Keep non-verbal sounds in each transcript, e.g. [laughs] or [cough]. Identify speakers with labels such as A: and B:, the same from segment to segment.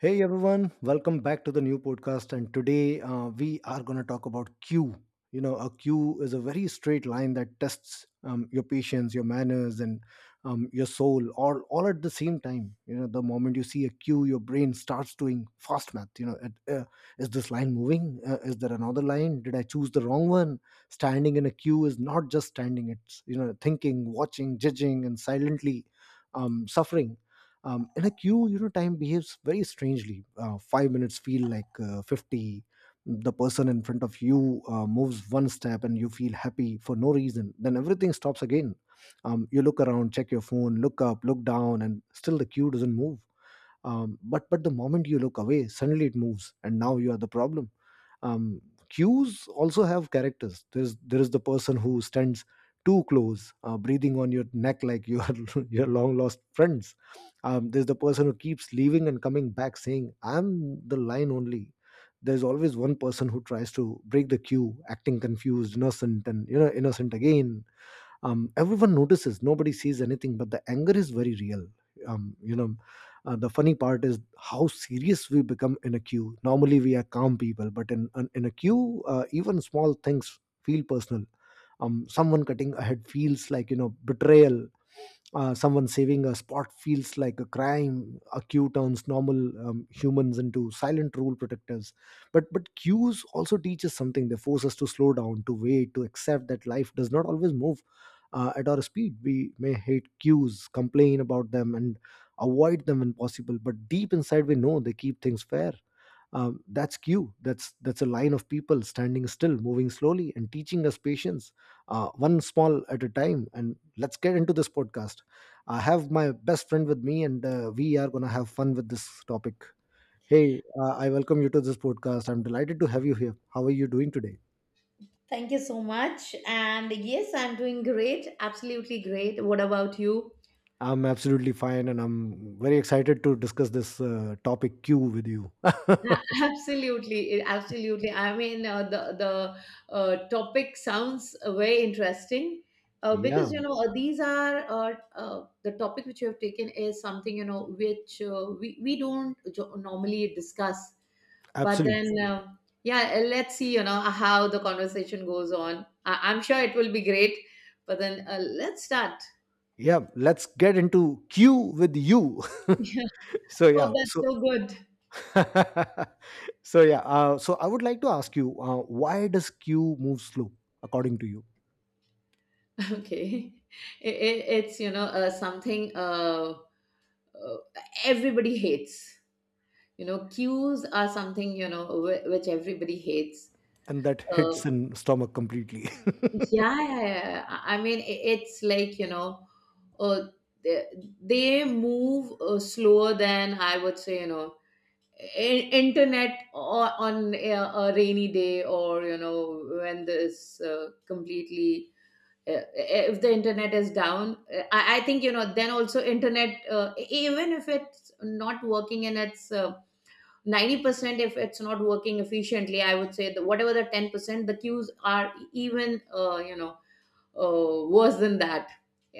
A: Hey everyone, welcome back to the new podcast. And today, we are going to talk about queue. You know, a queue is a very straight line that tests your patience, your manners, and your soul all at the same time. You know, the moment you see a queue, your brain starts doing fast math. You know, is this line moving? Is there another line? Did I choose the wrong one? Standing in a queue is not just standing, it's, you know, thinking, watching, judging, and silently suffering. In a queue, you know, time behaves very strangely. 5 minutes feel like 50. The person in front of you moves one step and you feel happy for no reason, then everything stops again. You look around, check your phone, look up, look down, and still the queue doesn't move. But the moment you look away, suddenly it moves and now you are the problem. um, Cues also have characters. There is the person who stands too close, breathing on your neck like you are [laughs] your long lost friends. There's the person who keeps leaving and coming back saying I'm the line only. There's always one person who tries to break the queue, acting confused, innocent, and you know, innocent again. Everyone notices, nobody sees anything, but the anger is very real. um, you know the funny part is how serious we become in a queue. Normally we are calm people, but in a queue, even small things feel personal. Someone cutting ahead feels like, you know, betrayal. Someone saving a spot feels like a crime. A queue turns normal humans into silent rule protectors. But queues also teach us something. They force us to slow down, to wait, to accept that life does not always move at our speed. We may hate queues, complain about them, and avoid them when possible. But deep inside, we know they keep things fair. That's Q. That's a line of people standing still, moving slowly, and teaching us patience, one small at a time. And let's get into this podcast. I have my best friend with me, and we are gonna have fun with this topic. Hey, I welcome you to this podcast. I'm delighted to have you here. How are you doing today?
B: Thank you so much. And yes, I'm doing great. Absolutely great. What about you?
A: I'm absolutely fine, and I'm very excited to discuss this topic Q with you. [laughs]
B: [laughs] Absolutely, absolutely. I mean, the topic sounds very interesting, because
A: Yeah,
B: you know these are the topic which you have taken is something, you know, which we don't normally discuss. But then,
A: absolutely.
B: yeah, let's see, you know, how the conversation goes on. I'm sure it will be great. But then, let's start.
A: Yeah, let's get into Q with you. [laughs]
B: [laughs]
A: So
B: Oh,
A: yeah,
B: that's
A: so
B: so good.
A: [laughs] so yeah, so I would like to ask you, why does Q move slow, according to you,
B: [laughs] Okay. It's, you know, something, uh, everybody hates. You know, cues are something, you know, which everybody hates.
A: and that hits
B: Uh,
A: in stomach completely? [laughs]
B: yeah, yeah, yeah, yeah. I mean, it's like, you know, uh, they, they move slower than I would say, you know, internet or on a rainy day, or, you know, when this completely if the internet is down, I think, you know, then also internet even if it's not working, and it's 90% if it's not working efficiently. I would say that whatever the 10%, the queues are even you know, worse than that,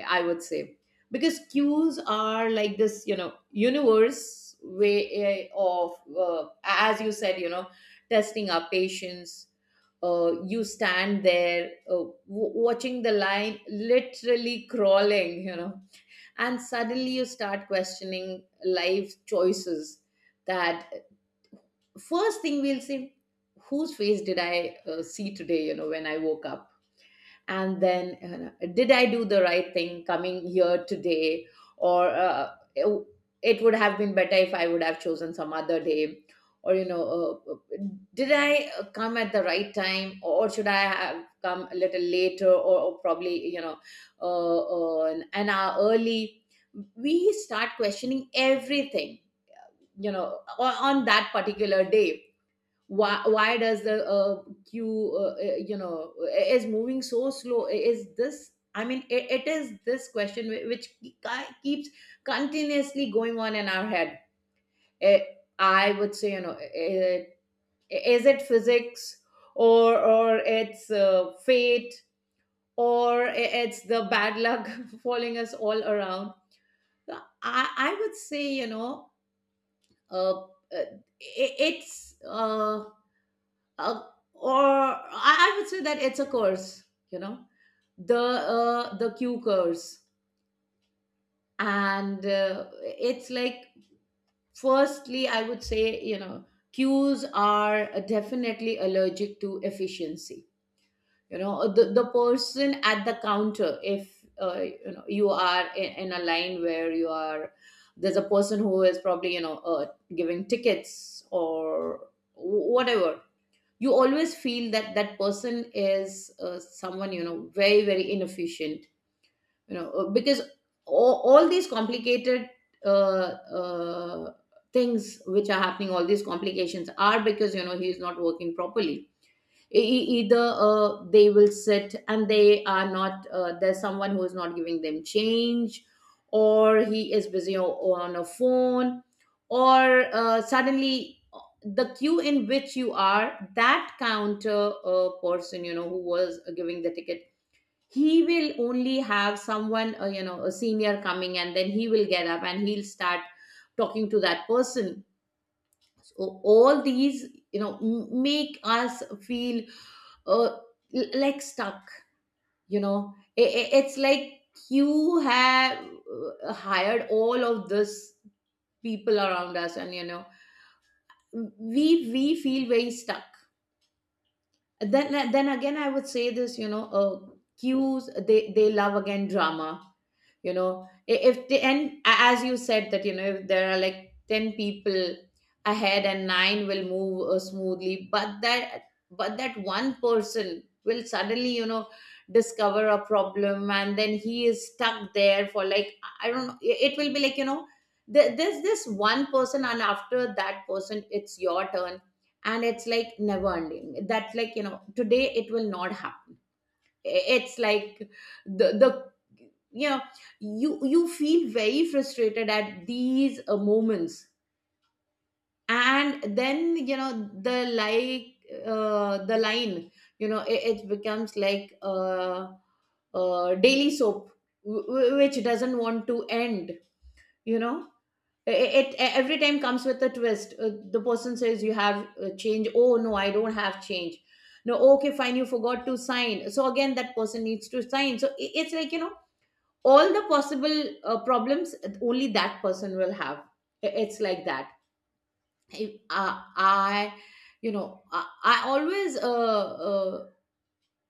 B: I would say. Because cues are like this, you know, universe way of, as you said, you know, testing our patience. You stand there, watching the line literally crawling, you know, and suddenly you start questioning life choices. That first thing we'll say, whose face did I see today, you know, when I woke up? And then did I do the right thing coming here today? Or it would have been better if I would have chosen some other day. Or, you know, uh, uh, did I come at the right time? Or should I have come a little later? Or probably, you know, an hour early. We start questioning everything, you know, on that particular day. Why does the queue you know, is moving so slow? Is this, I mean, it is this question which keeps continuously going on in our head. Eh, I would say, you know, is it physics? Or it's fate? Or it's the bad luck [laughs] following us all around. So I would say, you know, uh, uh, it's uh, or I would say that it's a curse, you know, the q curse. And it's like, firstly, I would say, you know, cues are definitely allergic to efficiency. You know, the person at the counter, if you know, you are in a line where you are, there's a person who is probably, you know, giving tickets or whatever. You always feel that that person is someone, you know, very, very inefficient, you know, because all these complicated uh, uh, things which are happening, all these complications, are because, you know, he is not working properly. Either they will sit and they are not there's someone who is not giving them change, or he is busy on a phone. Or suddenly the queue in which you are, that counter person, you know, who was giving the ticket, he will only have someone, you know, a senior coming, and then he will get up and he'll start talking to that person. So all these, you know, make us feel uh, like stuck, you know, it's like you have hired all of this people around us, and you know, we feel very stuck. Then again, I would say this, you know, cues, they love again drama, you know. If the, and as you said, that you know, if there are like 10 people ahead, and nine will move smoothly, but that one person will suddenly, you know, discover a problem, and then he is stuck there for like, I don't know, it will be like, you know, there's this one person, and after that person it's your turn, and it's like never ending. That's like, you know, today it will not happen. It's like the, you know, you feel very frustrated at these moments. And then, you know, the, like, the line, you know, it becomes like daily soap, which doesn't want to end, you know. it, it every time comes with a twist. The person says, you have change? Oh no, I don't have change. No, okay, fine, you forgot to sign, so again that person needs to sign. So it's like, you know, all the possible problems only that person will have. It's like that. If, I you know, I always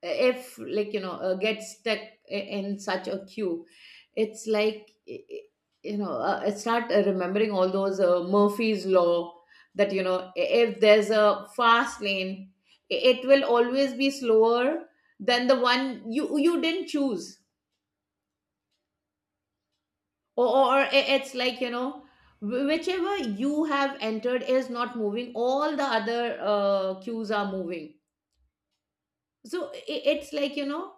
B: if, like, you know, get stuck in such a queue, it's like you know, I start remembering all those Murphy's law. That you know, if there's a fast lane, it will always be slower than the one you didn't choose. Or it's like, you know, whichever you have entered is not moving, all the other queues are moving. So it's like, you know,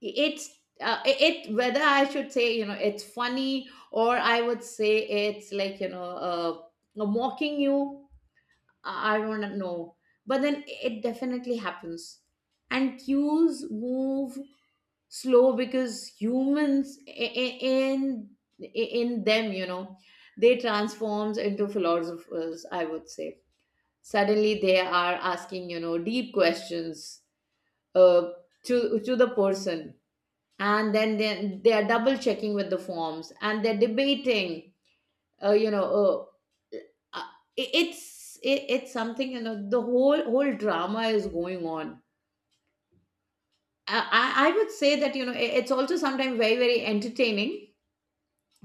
B: it's it, whether I should say, you know, it's funny, or I would say it's like, you know, mocking you. I don't know, but then it definitely happens. And cues move slow because humans, in them, you know, they transforms into philosophers, I would say. Suddenly, they are asking, you know, deep questions, uh, to the person. And then they are double checking with the forms, and they're debating, you know, uh, uh, it's it's something, you know, the whole drama is going on. I I would say that, you know, it's also sometimes very, very entertaining.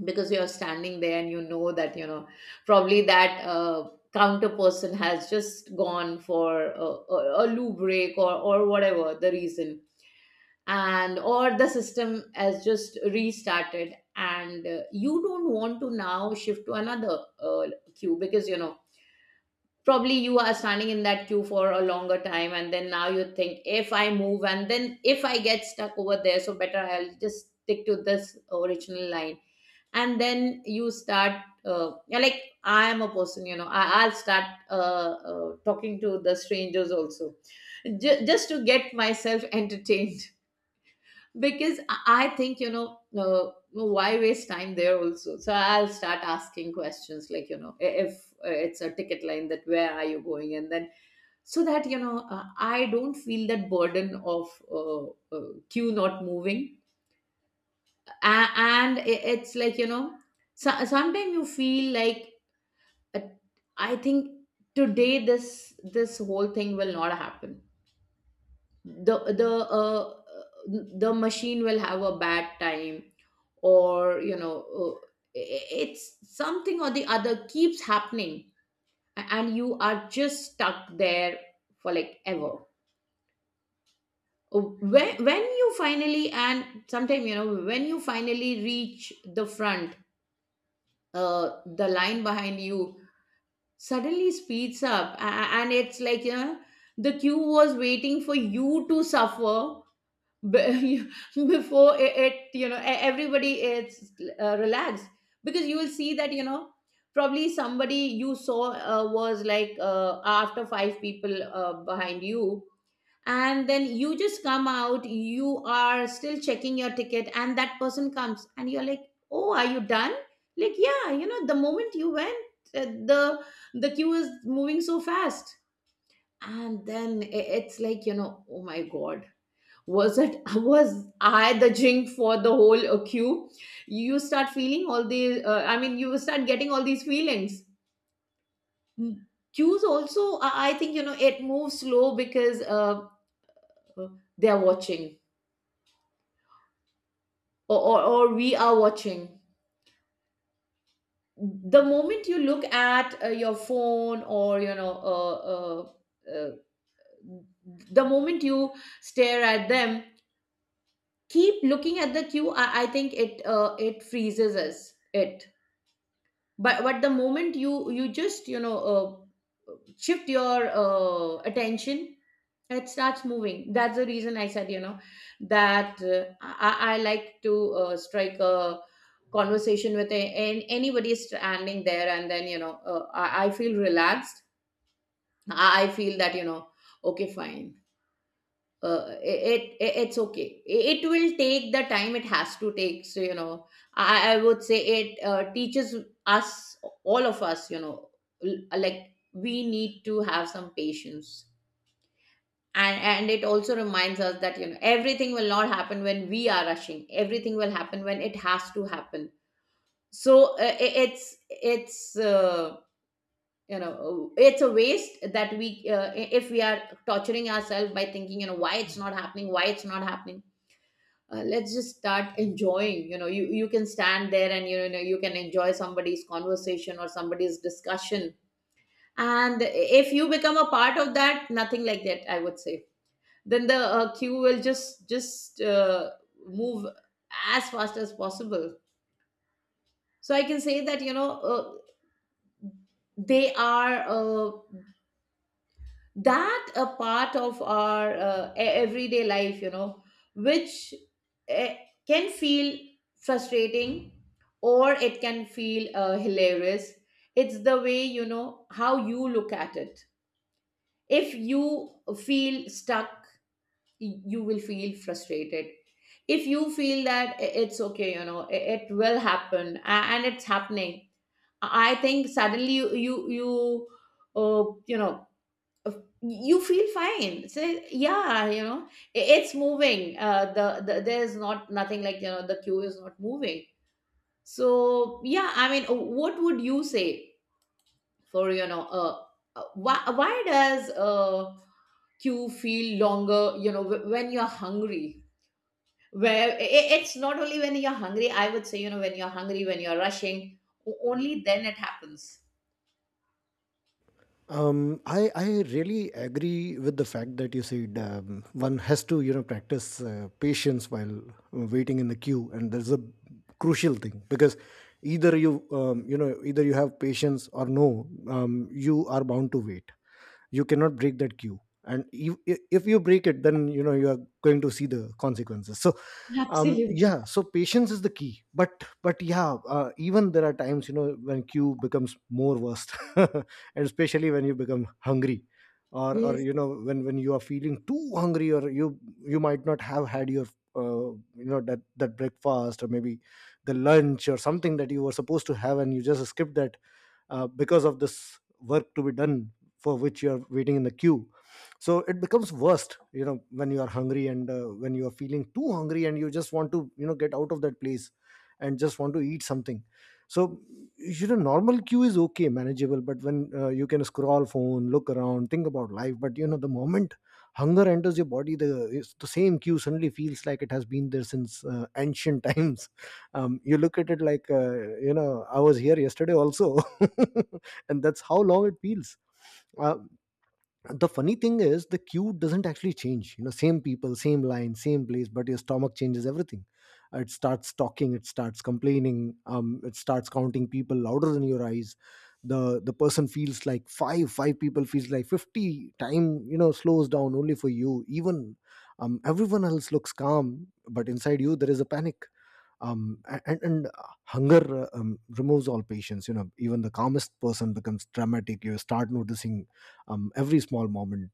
B: Because you're standing there and you know that, you know, probably that counter person has just gone for a loo break, or whatever the reason. And or the system has just restarted, and you don't want to now shift to another queue, because, you know, probably you are standing in that queue for a longer time. And then now you think, if I move and then if I get stuck over there, so better I'll just stick to this original line. And then you start you're like, I am a person, you know, I'll start talking to the strangers also, just to get myself [laughs] entertained. Because I think, you know, why waste time there also. So I'll start asking questions like, you know, if it's a ticket line, that where are you going. And then so that, you know, I don't feel that burden of queue not moving. And it's like, you know, so, sometimes you feel like uh, I think today this whole thing will not happen. The uh, uh, the machine will have a bad time, or, you know, it's something or the other keeps happening. And you are just stuck there for like ever. Uh, when you finally, and sometime, you know, when you finally reach the front, the line behind you suddenly speeds up. And it's like, you know, the queue was waiting for you to suffer, be- [laughs] before it, you know, everybody is relaxed. Because you will see that, you know, probably somebody you saw was like after five people behind you. And then you just come out, you are still checking your ticket, and that person comes, and you're like, oh, are you done? Like, yeah, you know, the moment you went uh, the the queue is moving so fast. And then it's like, you know, oh my god, was it, [laughs] was I the jink for the whole queue? You start feeling all the I mean, you start getting all these feelings. Mm. Queues also I think, you know, it moves slow because uh, they are watching, or we are watching. The moment you look at your phone or, you know, uh, the moment you stare at them, keep looking at the queue, I think it it freezes us. It But the moment you just you know, shift your attention, it starts moving. That's the reason I said, you know, that I like to strike a conversation with a, an anybody standing there, and then, you know, I feel relaxed. I feel that, you know, okay, fine, it's okay, it will take the time it has to take. So, you know, I would say it teaches us, all of us, you know, like we need to have some patience. And it also reminds us that, you know, everything will not happen when we are rushing, everything will happen when it has to happen. So it's you know, it's a waste that we if we are torturing ourselves by thinking, you know, why it's not happening, why it's not happening. Let's just start enjoying. You know, you can stand there and, you know, you can enjoy somebody's conversation or somebody's discussion. And if you become a part of that, nothing like that, I would say. Then the queue will just move as fast as possible. So I can say that, you know, they are that a part of our everyday life, you know, which eh, can feel frustrating, or it can feel hilarious. It's the way, you know, how you look at it. If you feel stuck, you will feel frustrated. If you feel that it's okay, you know, it will happen, and it's happening, I think suddenly uh, you know, of- you feel fine, say yeah, you know, it's moving. The there's not nothing like, you know, the queue is not moving. So yeah, I mean, what would you say for, you know, why does queue feel longer, you know, when you're hungry? Where, it's not only when you're hungry, I would say, you know. When you're hungry, when you're rushing, only then it happens.
A: I really agree with the fact that you said, one has to, you know, practice patience while waiting in the queue, and that's a crucial thing because either you have patience, or no. You are bound to wait. You cannot break that queue and if you break it then you know you are going to see the consequences, so
B: Absolutely,
A: yeah, so patience is the key. But yeah, even there are times, you know, when queue becomes more worst [laughs] and especially when you become hungry, or
B: yes.
A: you know, when you are feeling too hungry, or you might not have had your that breakfast, or maybe the lunch or something that you were supposed to have and you just skipped that because of this work to be done, for which you are waiting in the queue. So it becomes worst, you know, when you are hungry and when you are feeling too hungry and you just want to, you know, get out of that place and just want to eat something. So you know, normal queue is okay, manageable, but when, you can scroll phone, look around, think about life, but you know the moment hunger enters your body, the it's the same queue, suddenly feels like it has been there since ancient [laughs] times. You look at it like, you know, I was here yesterday also [laughs] and that's how long it feels. uh, the funny thing is, the queue doesn't actually change, you know, same people, same line, same place, but your stomach changes everything. It starts talking, it starts complaining, it starts counting people louder than your eyes. The the person feels like five people, feels like 50. Time you know slows down only for you. Even everyone else looks calm, but inside you there is a panic. And hunger removes all patience, you know, even the calmest person becomes dramatic. You start noticing every small moment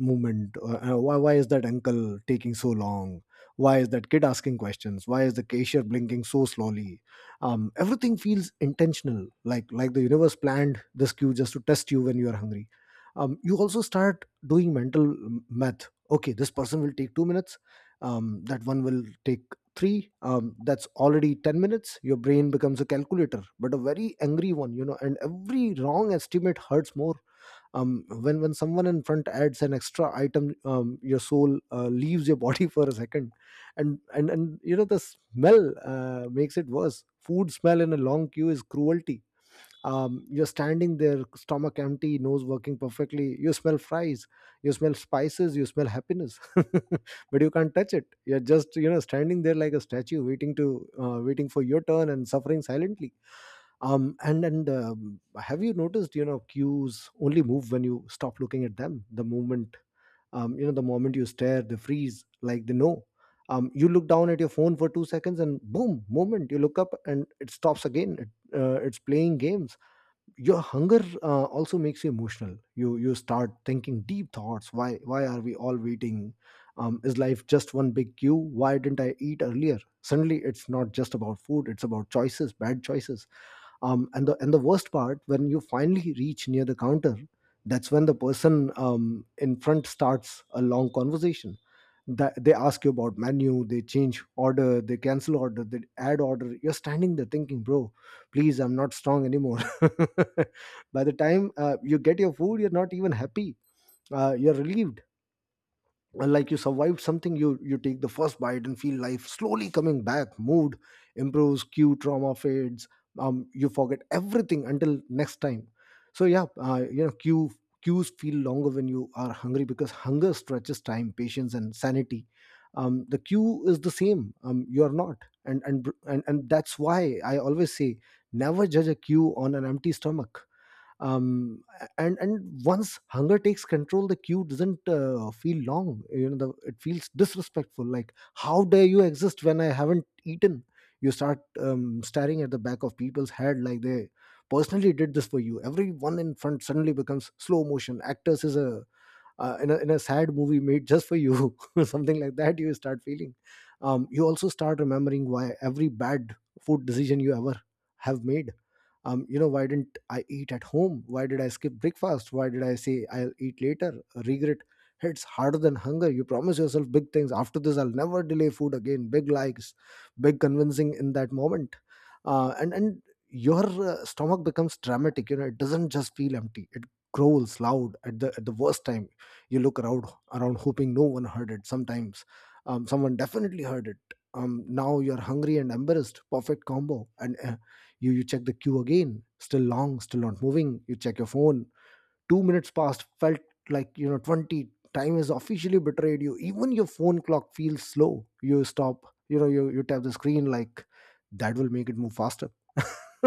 A: movement. Why is that uncle taking so long, why is that kid asking questions, why is the cashier blinking so slowly? Everything feels intentional, like the universe planned this cue just to test you when you are hungry. You also start doing mental math. Okay, this person will take 2 minutes, that one will take three, that's already 10 minutes. Your brain becomes a calculator, but a very angry one, you know, and every wrong estimate hurts more. When someone in front adds an extra item, your soul leaves your body [laughs] for a second. And you know, the smell makes it worse. Food smell in a long queue is cruelty. You're standing there, stomach empty, nose working perfectly, you smell fries, you smell spices, you smell happiness [laughs] but you can't touch it, you're just, you know, standing there like a statue waiting for your turn and suffering silently. And Have you noticed, you know, cues only move when you stop looking at them. The moment you stare, they freeze, like they know. You look down at your phone for 2 seconds and boom, moment you look up and it stops again. It's playing games. Your hunger also makes you emotional. You start thinking deep thoughts, why are we all waiting? Is life just one big queue? Why didn't I eat earlier? Suddenly it's not just about food, it's about choices, bad choices. And the worst part, when you finally reach near the counter, that's when the person in front starts a long conversation. That they ask you about menu, they change order, they cancel order, they add order. You're standing there thinking, bro, please, I'm not strong anymore. [laughs] By the time you get your food, you're not even happy, you're relieved. And like you survived something. You take the first bite and feel life slowly coming back. Mood improves, cue trauma fades. You forget everything until next time. So yeah, you know, cues feel longer when you are hungry because hunger stretches time, patience and sanity. The cue is the same, you are not. And that's why I always say, never judge a cue on an empty stomach. Um, and and once hunger takes control, the queue doesn't feel long, you know, it feels disrespectful, like how dare you exist when I haven't eaten. You start staring at the back of people's head like they personally did this for you. Everyone in front suddenly becomes slow motion actors is a in, a, in a sad movie made just for you [laughs] something like that you start feeling. You also start remembering why every bad food decision you ever have made. You know, why didn't I eat at home, why did I skip breakfast, why did I say I'll eat later. Regret hits harder than hunger. You promise yourself big things, after this I'll never delay food again. Big likes, big convincing in that moment. And your stomach becomes dramatic, you know, it doesn't just feel empty, it growls loud at the worst time. You look around hoping no one heard it. Sometimes someone definitely heard it. Now you're hungry and embarrassed, perfect combo. And you check the queue again, still long, still not moving. You check your phone, 2 minutes passed, felt like, you know, 20. Time has officially betrayed you. Even your phone clock feels slow. You stop, you know, you tap the screen like that will make it move faster. [laughs]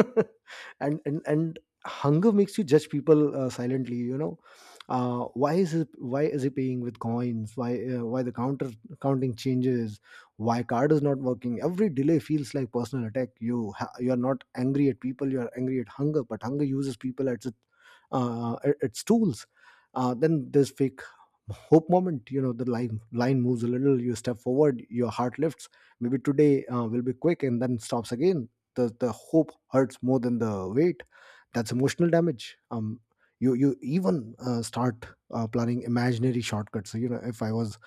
A: And hunger makes you judge people silently, you know, why is he paying with coins, why the counter counting changes, why card is not working. Every delay feels like personal attack. You are not angry at people, you are angry at hunger, but hunger uses people as its tools. Then there's fake hope moment. The line moves a little, you step forward, your heart lifts. Maybe today will be quick, and then stops again. The hope hurts more than the weight. That's emotional damage. You even start planning imaginary shortcuts. If i was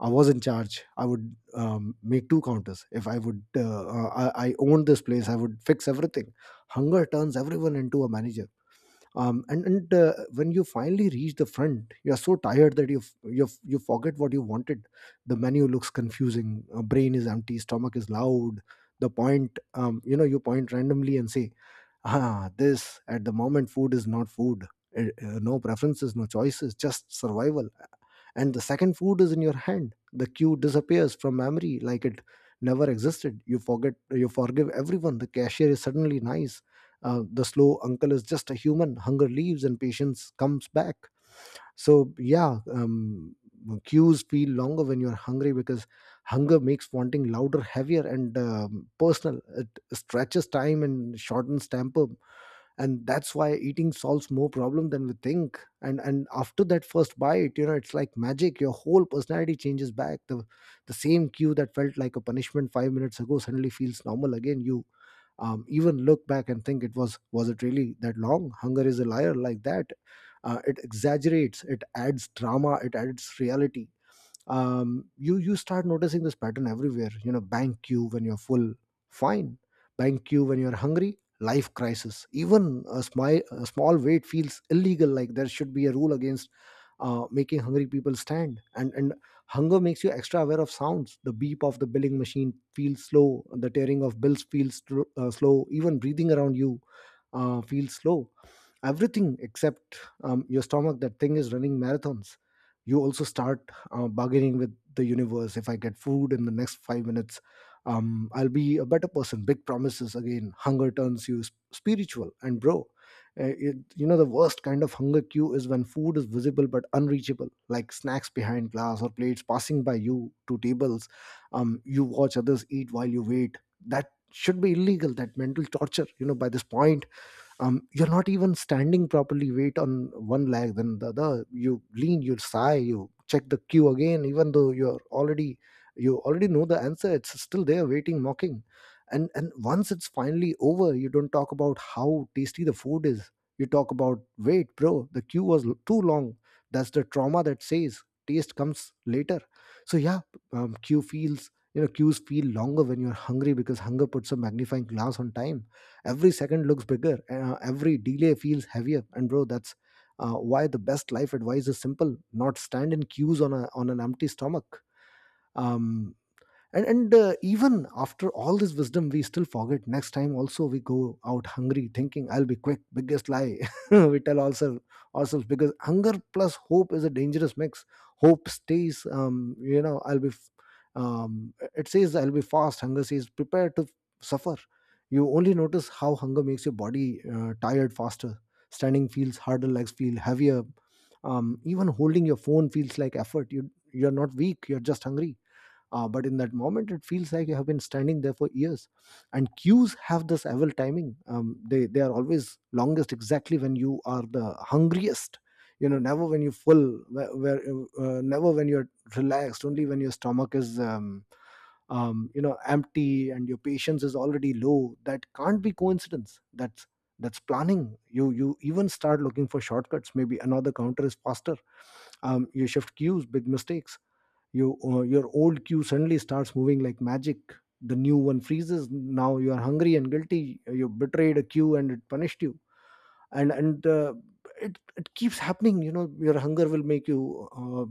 A: i was in charge, I would make two counters. If I owned this place, I would fix everything. Hunger turns everyone into a manager. And When you finally reach the front, you're so tired that you forget what you wanted. The menu looks confusing, brain is empty, stomach is loud. The point you know You point randomly and say, ah this. At the moment food is not food. No preferences, no choices, just survival. And the second food is in your hand, the cue disappears from memory like it never existed. You forget, you forgive everyone. The cashier is suddenly nice. The slow uncle is just a human. Hunger leaves and patience comes back. So yeah. Cues feel longer when you're hungry because hunger makes wanting louder, heavier, and personal. It stretches time and shortens temper. And that's why eating solves more problem than we think. And after that first bite, it's like magic, your whole personality changes back. The same cue that felt like a punishment 5 minutes ago suddenly feels normal again. You even look back and think, it was it really that long? Hunger is a liar like that. It exaggerates, it adds drama, it adds reality. You start noticing this pattern everywhere. Bank queue when you're full, fine. Bank queue when you're hungry, life crisis. Even a small wait feels illegal, like there should be a rule against making hungry people stand. And Hunger makes you extra aware of sounds. The beep of the billing machine feels slow, the tearing of bills feels slow, even breathing around you feels slow. Everything except your stomach. That thing is running marathons. You also start bargaining with the universe. If I get food in the next 5 minutes, I'll be a better person. Big promises again. Hunger turns you spiritual. And bro, the worst kind of hunger queue is when food is visible but unreachable, like snacks behind glass or plates passing by you to tables. You watch others eat while you wait. That should be illegal. That mental torture. By this point, you're not even standing properly, weight on one leg then the other. You lean, you sigh, you check the cue again, even though you already know the answer. It's still there, waiting, mocking. And once it's finally over, you don't talk about how tasty the food is. You talk about, wait bro, the queue was too long. That's the trauma that says taste comes later. So yeah. Queues feel longer when you're hungry because hunger puts a magnifying glass on time. Every second looks bigger, every delay feels heavier. And bro, that's why the best life advice is simple, not stand in queues on a on an empty stomach. um and Even after all this wisdom, we still forget. Next time also we go out hungry thinking I'll be quick. Biggest lie [laughs] we tell ourselves because hunger plus hope is a dangerous mix. Hope stays. It says I'll be fast. Hunger says prepare to suffer. You only notice how hunger makes your body tired faster. Standing feels harder, legs feel heavier. Even holding your phone feels like effort. You're not weak, you're just hungry. But in that moment, it feels like you have been standing there for years. And queues have this evil timing. They are always longest exactly when you are the hungriest. Never when you are full, where never when you're relaxed. Only when your stomach is, empty and your patience is already low. That can't be coincidence. That's planning. You even start looking for shortcuts. Maybe another counter is faster. You shift queues. Big mistakes. Your old queue suddenly starts moving like magic. The new one freezes. Now you are hungry and guilty, you betrayed a queue and it punished you. And and uh, it, it keeps happening. Your hunger will make you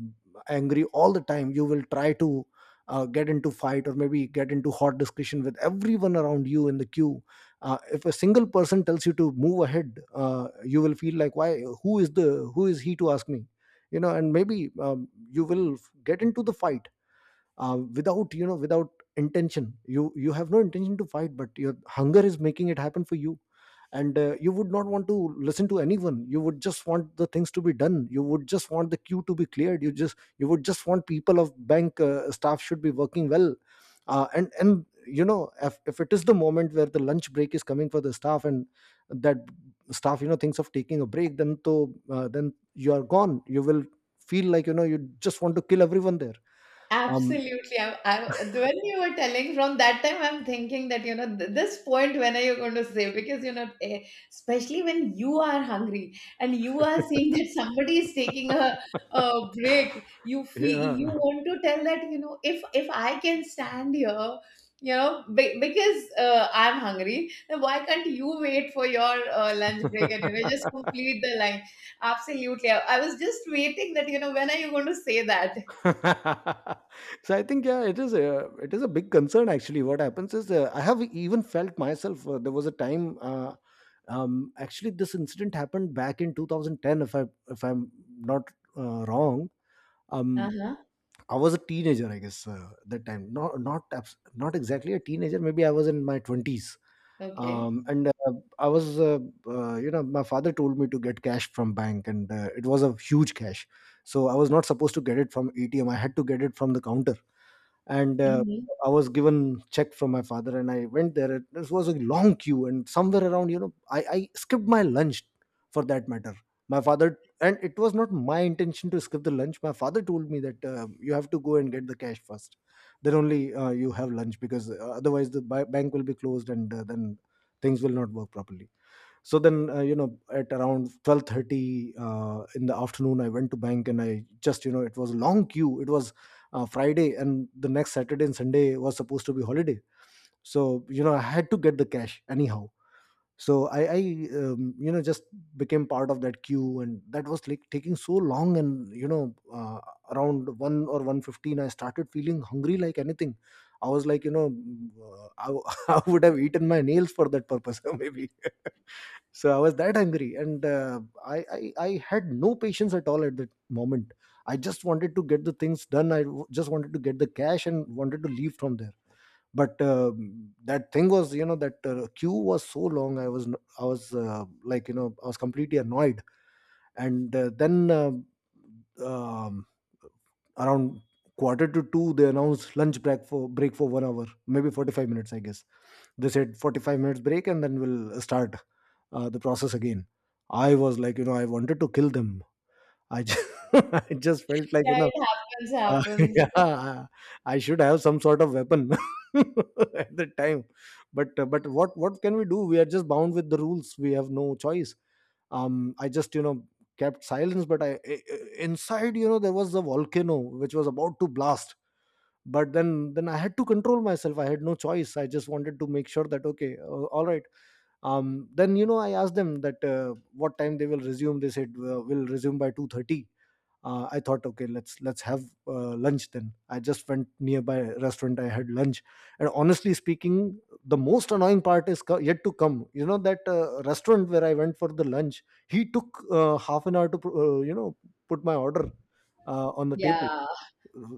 A: angry all the time. You will try to get into fight, or maybe get into hot discussion with everyone around you in the queue. If a single person tells you to move ahead, you will feel like, why, who is the who is he to ask me? And maybe you will get into the fight without without intention. You have no intention to fight, but your hunger is making it happen for you. And You would not want to listen to anyone. You would just want the things to be done, you would just want the queue to be cleared, you would just want people of bank staff should be working well. And you know If, it is the moment where the lunch break is coming for the staff and that staff thinks of taking a break then you are gone. You will feel like, you just want to kill everyone there. um
B: Absolutely. When you were telling from that time, I'm thinking that, you know, this point, when are you going to say? Because, you know, especially when you are hungry and you are seeing that somebody is taking a break, you feel
A: Yeah.
B: you want to tell that, you know, if I can stand here, you know, because I'm hungry, then why can't you wait for your lunch break and, you know, just
A: [laughs]
B: complete the line? Absolutely. I was just waiting that, you know, when are you going to say that?
A: So I think, yeah, it is a big concern actually. What happens is, I have even felt myself. There was a time, actually, this incident happened back in 2010, if I'm not wrong. Um,
B: Uh-huh.
A: I was a teenager, I guess, that time. Not exactly a teenager. Maybe I was in my twenties.
B: Okay.
A: And I was you know My father told me to get cash from bank, and it was a huge cash, so I was not supposed to get it from ATM, I had to get it from the counter. And
B: Hmm.
A: I was given check from my father and I went there. It was a long queue and somewhere around, I skipped my lunch for that matter. My father And it was not my intention to skip the lunch. My father told me that you have to go and get the cash first, then only you have lunch, because otherwise the bank will be closed and then things will not work properly. So then you know At around 12:30 in the afternoon I went to bank, and I just, it was a long queue. It was Friday, and the next Saturday and Sunday was supposed to be holiday. I had to get the cash anyhow. So I you know just became part of that queue, and that was like taking so long. And you know Around 1 or 1:15, I started feeling hungry like anything. I was like you know mm, I, [laughs] I would have eaten my nails for that purpose [laughs] maybe. So I was that angry, and I had no patience at all at that moment. I just wanted to get the things done, just wanted to get the cash and wanted to leave from there. But that thing was you know that queue was so long. I was n- I was I was completely annoyed. And then um, Around quarter to two they announced lunch break for 1 hour, maybe 45 minutes I guess. They said 45 minutes break and then we'll start the process again. I was like, I wanted to kill them. I just, [laughs] I just felt like,
B: Yeah, it happens,
A: uh, [laughs]
B: happens.
A: yeah, I should have some sort of weapon [laughs] at the time. But what can we do? We are just bound with the rules. We have no choice. I just, kept silence, but inside, there was a volcano which was about to blast. But then I had to control myself. I had no choice. I just wanted to make sure that, okay, all right. Then I asked them that what time they will resume. They said we'll resume by 2:30. I thought, okay, let's have lunch. Then I just went nearby restaurant, I had lunch. And honestly speaking, the most annoying part is yet to come. That restaurant where I went for the lunch, he took half an hour to put my order on the table.
B: Yeah,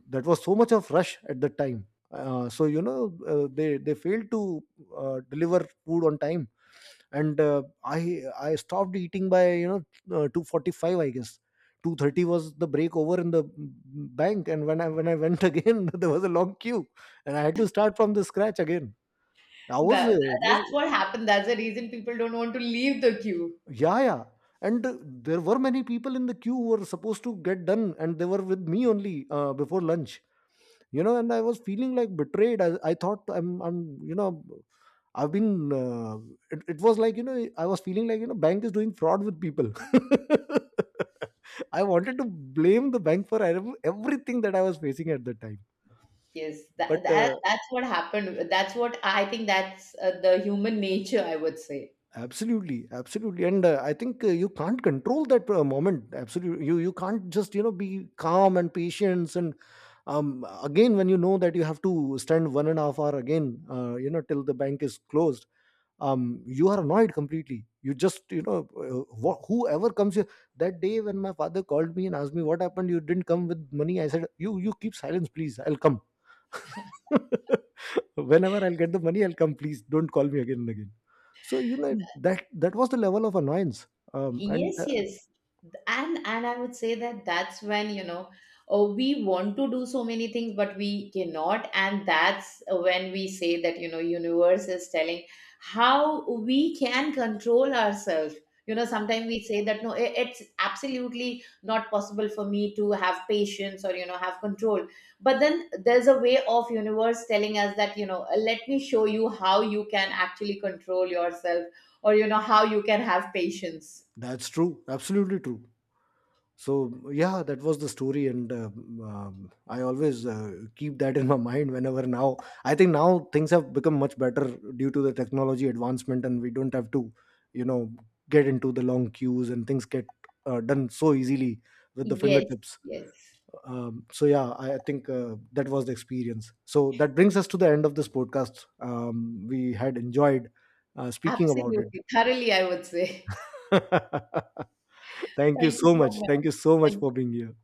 A: That was so much of rush at the time. Uh, so you know uh, they they failed to deliver food on time. And uh, i i stopped eating by, 2:45 I guess. 2:30 was the break over in the bank, and when I went [laughs] again there was a long queue, and I had to start from the scratch again. I was
B: that
A: it was
B: that's what happened. That's the reason people don't want to leave the queue.
A: Yeah, yeah. and There were many people in the queue who were supposed to get done, and they were with me only before lunch. And I was feeling like betrayed. I thought, I'm you know I've been it, it was like, I was feeling like, bank is doing fraud with people. [laughs] I wanted to blame the bank for everything that I was facing at the time.
B: Yes,
A: But
B: that, that that's what happened. That's what I think that's the human nature, I would say.
A: Absolutely, absolutely. And I think you can't control that moment absolutely. You can't just, be calm and patience. And um Again, when you know that you have to stand 1.5 hour again, till the bank is closed. You are annoyed completely. You just you know wh- Whoever comes here, that day when my father called me and asked me what happened, you didn't come with money, I said, you keep silence please, I'll come [laughs] whenever I'll get the money I'll come. Please don't call me again and again. That was the level of annoyance. And
B: Yes, yes. And I would say that that's when, you know, oh, we want to do so many things, but we cannot. And that's when we say that, you know, universe is telling how we can control ourselves. You know, sometimes we say that, no, it's absolutely not possible for me to have patience or, you know, have control. But then there's a way of universe telling us that, you know, let me show you how you can actually control yourself or, you know, how you can have patience.
A: That's true, absolutely true. So yeah, that was the story. And I always keep that in my mind whenever now I think now things have become much better due to the technology advancement, and we don't have to, you know get into the long queues, and things get done so easily with the
B: Yes,
A: fingertips.
B: yes.
A: So yeah, I think that was the experience. So that brings us to the end of this podcast. We had enjoyed speaking about it.
B: Absolutely. Thoroughly, I would say.
A: [laughs]
B: [laughs]
A: Thank you
B: Thank you
A: so
B: so
A: much,
B: much.
A: thank you so much
B: Thank
A: for
B: you.
A: being here.